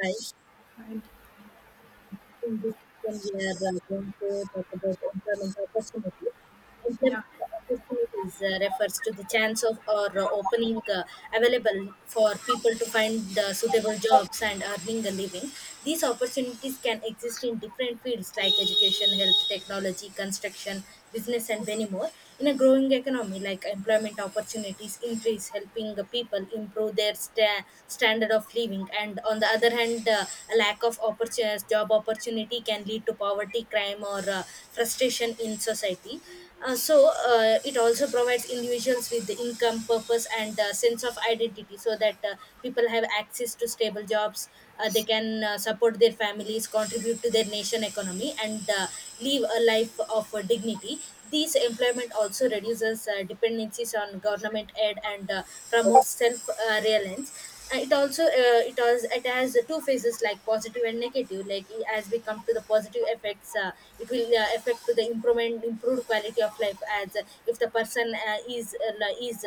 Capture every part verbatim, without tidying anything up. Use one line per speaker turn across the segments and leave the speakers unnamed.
Hi. In this session, we are uh, going to talk about employment opportunities. Employment
Yeah,
opportunities uh, refers to the chance of or uh, opening uh, available for people to find uh, suitable jobs and earning a living. These opportunities can exist in different fields like education, health, technology, construction, business, and many more. In a growing economy, like employment opportunities increase, helping the people improve their sta- standard of living. And on the other hand, uh, a lack of opportunities, job opportunity can lead to poverty, crime, or uh, frustration in society. Uh, so uh, it also provides individuals with the income, purpose, and uh, sense of identity, so that uh, people have access to stable jobs. Uh, they can uh, support their families, contribute to their nation economy, and uh, live a life of uh, dignity. These employment also reduces uh, dependencies on government aid and uh, promotes self uh, reliance. Uh, it also uh, it has it has two phases like positive and negative. Like i- as we come to the positive effects, uh, it will uh, affect to the improvement improved quality of life as uh, if the person uh, is uh, li- is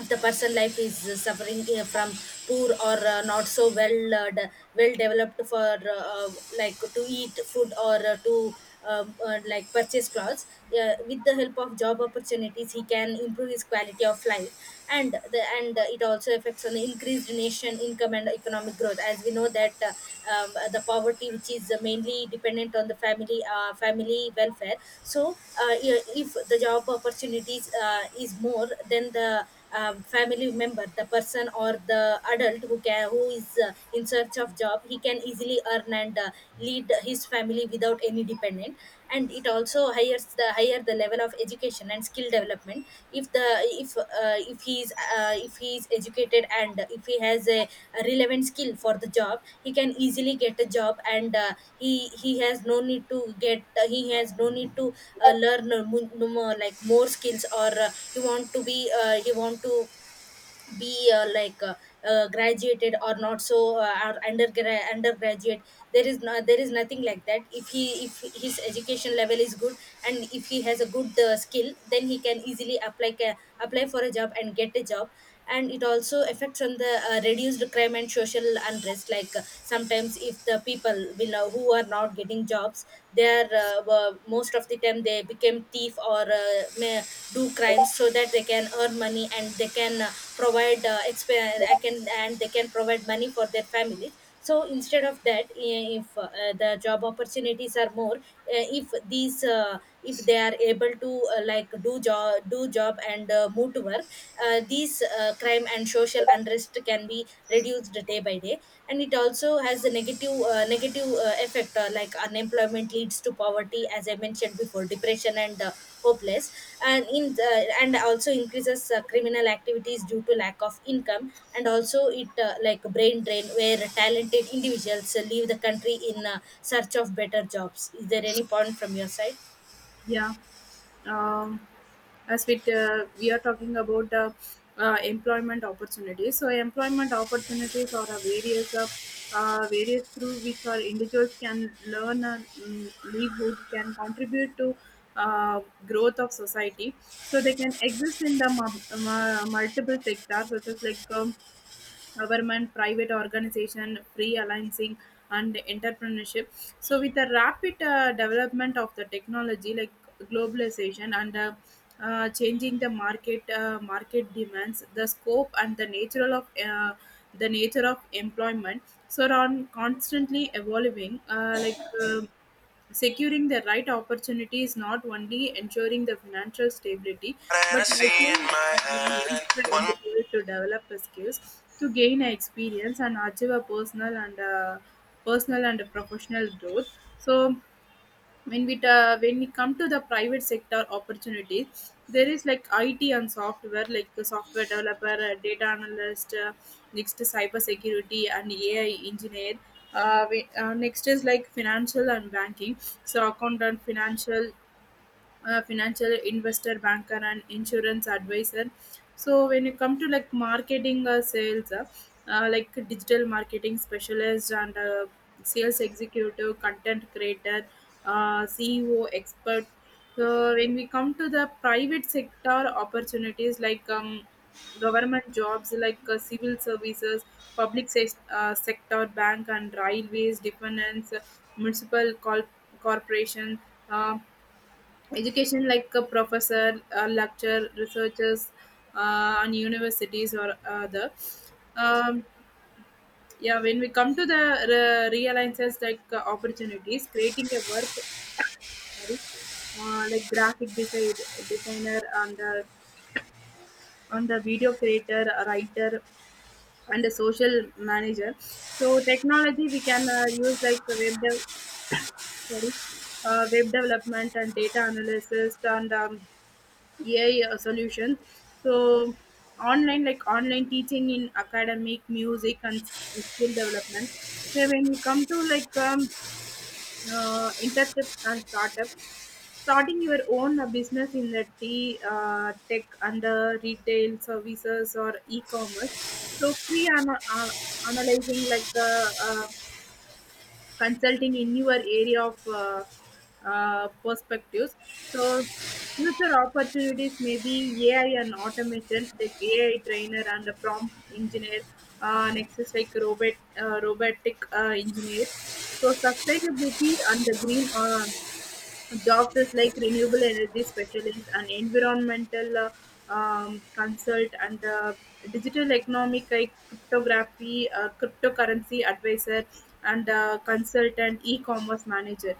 if the person life is uh, suffering uh, from poor or uh, not so well uh, de- well developed for uh, uh, like to eat food or uh, to um, uh, like purchase clothes, uh, with the help of job opportunities he can improve his quality of life. And the and uh, it also affects on the increased nation income and economic growth, as we know that uh, um, the poverty which is uh, mainly dependent on the family uh, family welfare. So uh, yeah, if the job opportunities uh, is more, then the um, family member, the person or the adult who can who is uh, in search of job, he can easily earn and uh, lead his family without any dependent. And it also hires the higher the level of education and skill development. If the if uh, if he is uh, if he is educated, and if he has a, a relevant skill for the job, he can easily get a job. And uh, he he has no need to get uh, he has no need to uh, learn uh, mo- no more like more skills. Or uh, he want to be uh, he want to be uh, like uh, uh, graduated or not, so uh, or undergra- undergraduate. There is no there is nothing like that. If he, if his education level is good and if he has a good uh, skill, then he can easily apply ca- apply for a job and get a job. And it also affects on the uh, reduced crime and social unrest. Like uh, sometimes if the people will uh, who are not getting jobs, they are uh, were- most of the time they became thief, or uh, may do crimes so that they can earn money and they can uh, provide uh, exp- I can and they can provide money for their families. So instead of that, i- if uh, the job opportunities are more, uh, if these uh, if they are able to uh, like do job do job and uh, move to work, uh, these uh, crime and social unrest can be reduced day by day. And it also has a negative uh, negative uh, effect. Uh, like unemployment leads to poverty, as I mentioned before, depression and uh, hopeless. And in uh, and also increases uh, criminal activities due to lack of income. And also it uh, like brain drain where talented individuals uh, leave the country in uh, search of better jobs. Is there any point from your side?
yeah. Um, as we uh, we are talking about the uh, employment opportunities, so employment opportunities are a various uh, uh, various through which our individuals can learn and um, livelihood can contribute to uh, growth of society. So they can exist in the mu- mu- multiple sectors, such as like um, government, private organization, free freelancing, and entrepreneurship. So, with the rapid uh, development of the technology, like globalization and uh, uh, changing the market uh, market demands, the scope and the nature of uh, the nature of employment, so are on constantly evolving. Uh, like um, securing the right opportunity is not only ensuring the financial stability, but
Fantasy in
also
my
uh, helps the
hand. One.
individual to develop the skills, to gain experience, and achieve a personal and uh, personal and professional growth. So when we ta- when we come to the private sector opportunities, there is like IT and software, like a software developer, a data analyst, uh, next is cyber security and AI engineer, uh, we, uh, next is like financial and banking, so account and financial, a financial investor, banker, and insurance advisor. So when you come to like marketing or sales, uh, uh, like digital marketing specialist and uh, sales executive, content creator, uh, C E O expert. So when we come to the private sector opportunities, like um, government jobs, like uh, civil services, public se- uh, sector, bank and railways, defense, municipal col- corporation, um, education like a professor, a lecturer, researchers, uh, and universities or other. Um, yeah, when we come to the re- realizes like uh, opportunities, creating a work, sorry, uh, like graphic design, designer and uh, and the video creator, a writer, and a social manager. So technology we can uh, use like web dev- sorry, uh, web development and data analysis and um, A I solution. So online, like online teaching in academic, music, and skill development. So when we come to like um, uh, internship and startup, starting your own uh, business in the tea, uh, tech under retail services or e-commerce. So pre-analyzing like uh, uh, consulting in your area of uh, uh, perspectives. So future opportunities may be A I and automation, like A I trainer and a prompt engineer, uh, next is like robot, uh, robotic uh, engineer. So sustainability and the green uh, jobs, like renewable energy specialist and environmental uh, um, consult and uh, digital economic, like cryptography, uh, cryptocurrency advisor and uh, consultant, e-commerce manager.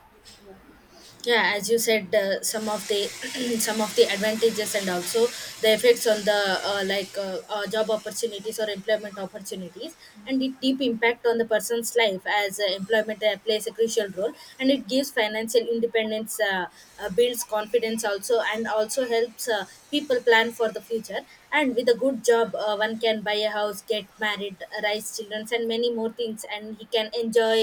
Yeah, as you said, uh, some of the some of the advantages and also the effects on the uh, like uh, uh, job opportunities or employment opportunities. And it deep impact on the person's life. As uh, employment uh, plays a crucial role, and it gives financial independence. Uh, uh, builds confidence also, and also helps uh, people plan for the future. And with a good job, uh, one can buy a house, get married, raise children, and many more things. And he can enjoy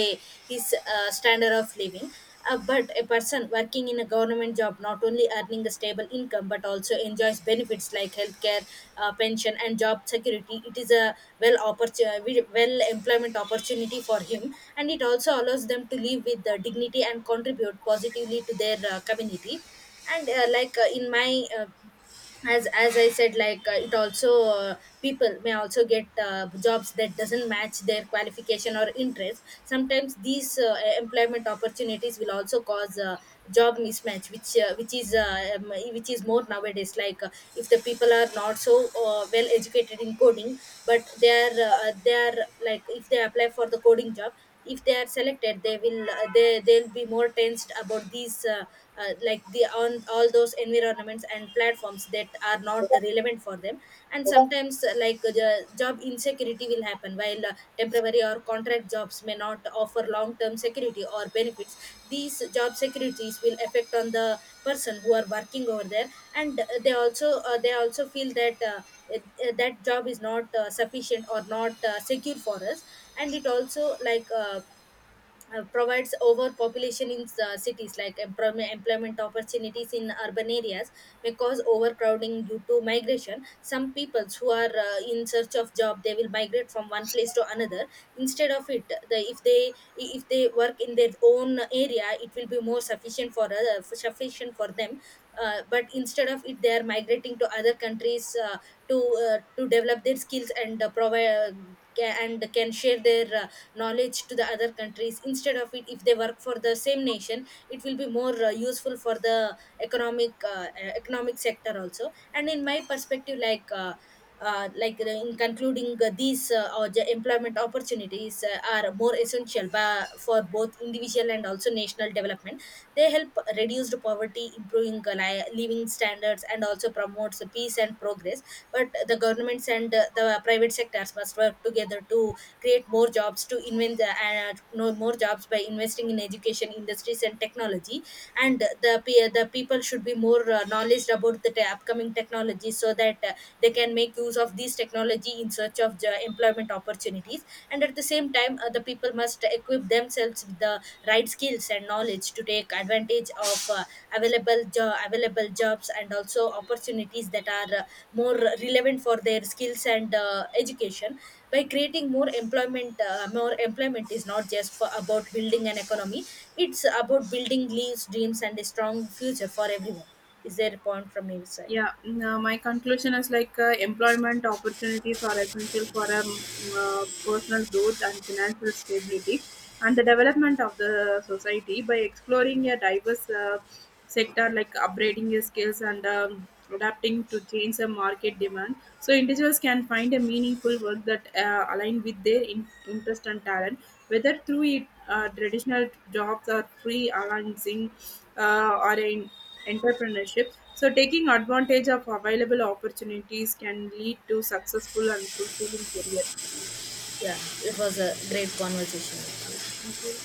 his uh, standard of living. Uh, but a person working in a government job, not only earning a stable income, but also enjoys benefits like healthcare, uh, pension, and job security. It is a well opportunity, well employment opportunity for him, and it also allows them to live with uh, dignity and contribute positively to their uh, community. And uh, like uh, in my uh, as as I said, like uh, it also uh, people may also get uh, jobs that doesn't match their qualification or interest. Sometimes these uh, employment opportunities will also cause uh, job mismatch, which uh, which is uh, um, which is more nowadays. Like uh, if the people are not so uh, well educated in coding, but they are uh, they are like if they apply for the coding job, if they are selected, they will uh, they they'll be more tensed about these uh, uh, like the on all those environments and platforms that are not relevant for them. And sometimes uh, like uh, the job insecurity will happen, while uh, temporary or contract jobs may not offer long term security or benefits. These job securities will affect on the person who are working over there. And uh, they also uh, they also feel that uh, uh, that job is not uh, sufficient or not uh, secure for us. And it also like uh, uh, provides overpopulation in uh, cities. Like employment, employment opportunities in urban areas may cause overcrowding due to migration. Some peoples who are uh, in search of job, they will migrate from one place to another. Instead of it, the, if they, if they work in their own area, it will be more sufficient for uh, sufficient for them. Uh, but instead of it, they are migrating to other countries, uh, to uh, to develop their skills and uh, provide uh, ca- and can share their uh, knowledge to the other countries. Instead of it, if they work for the same nation, it will be more uh, useful for the economic uh, uh, economic sector also. And in my perspective, like uh, uh, like uh, in concluding uh, these, uh, or the employment opportunities uh, are more essential, ba- for both individual and also national development. They help reduce the poverty, improving uh, li- living standards, and also promotes the peace and progress. But the governments and uh, the private sectors must work together to create more jobs, to invent the, uh, no, more jobs by investing in education, industries and technology. And the pe- the people should be more uh, knowledge about the te- upcoming technology, so that that uh, they can make use of these technology in search of jo- employment opportunities. And at the same time, uh, the people must equip themselves with the right skills and knowledge to take advantage of uh, available jo- available jobs, and also opportunities that are uh, more relevant for their skills and uh, education. By creating more employment, uh, more employment is not just for, about building an economy. It's about building leaves dreams and a strong future for everyone. Is there a point from your side?
Yeah, mm, uh, my conclusion is like uh, employment opportunities are essential for um, uh, personal growth and financial stability and the development of the society, by exploring a diverse uh, sector, like upgrading your skills and um, adapting to change the market demand. So individuals can find a meaningful work that uh, align with their in- interest and talent, whether through it, uh, traditional jobs or free freelancing uh, or in entrepreneurship, so, taking advantage of available opportunities can lead to successful and fulfilling career. Yeah,
Yeah, it was a great conversation.
thank you.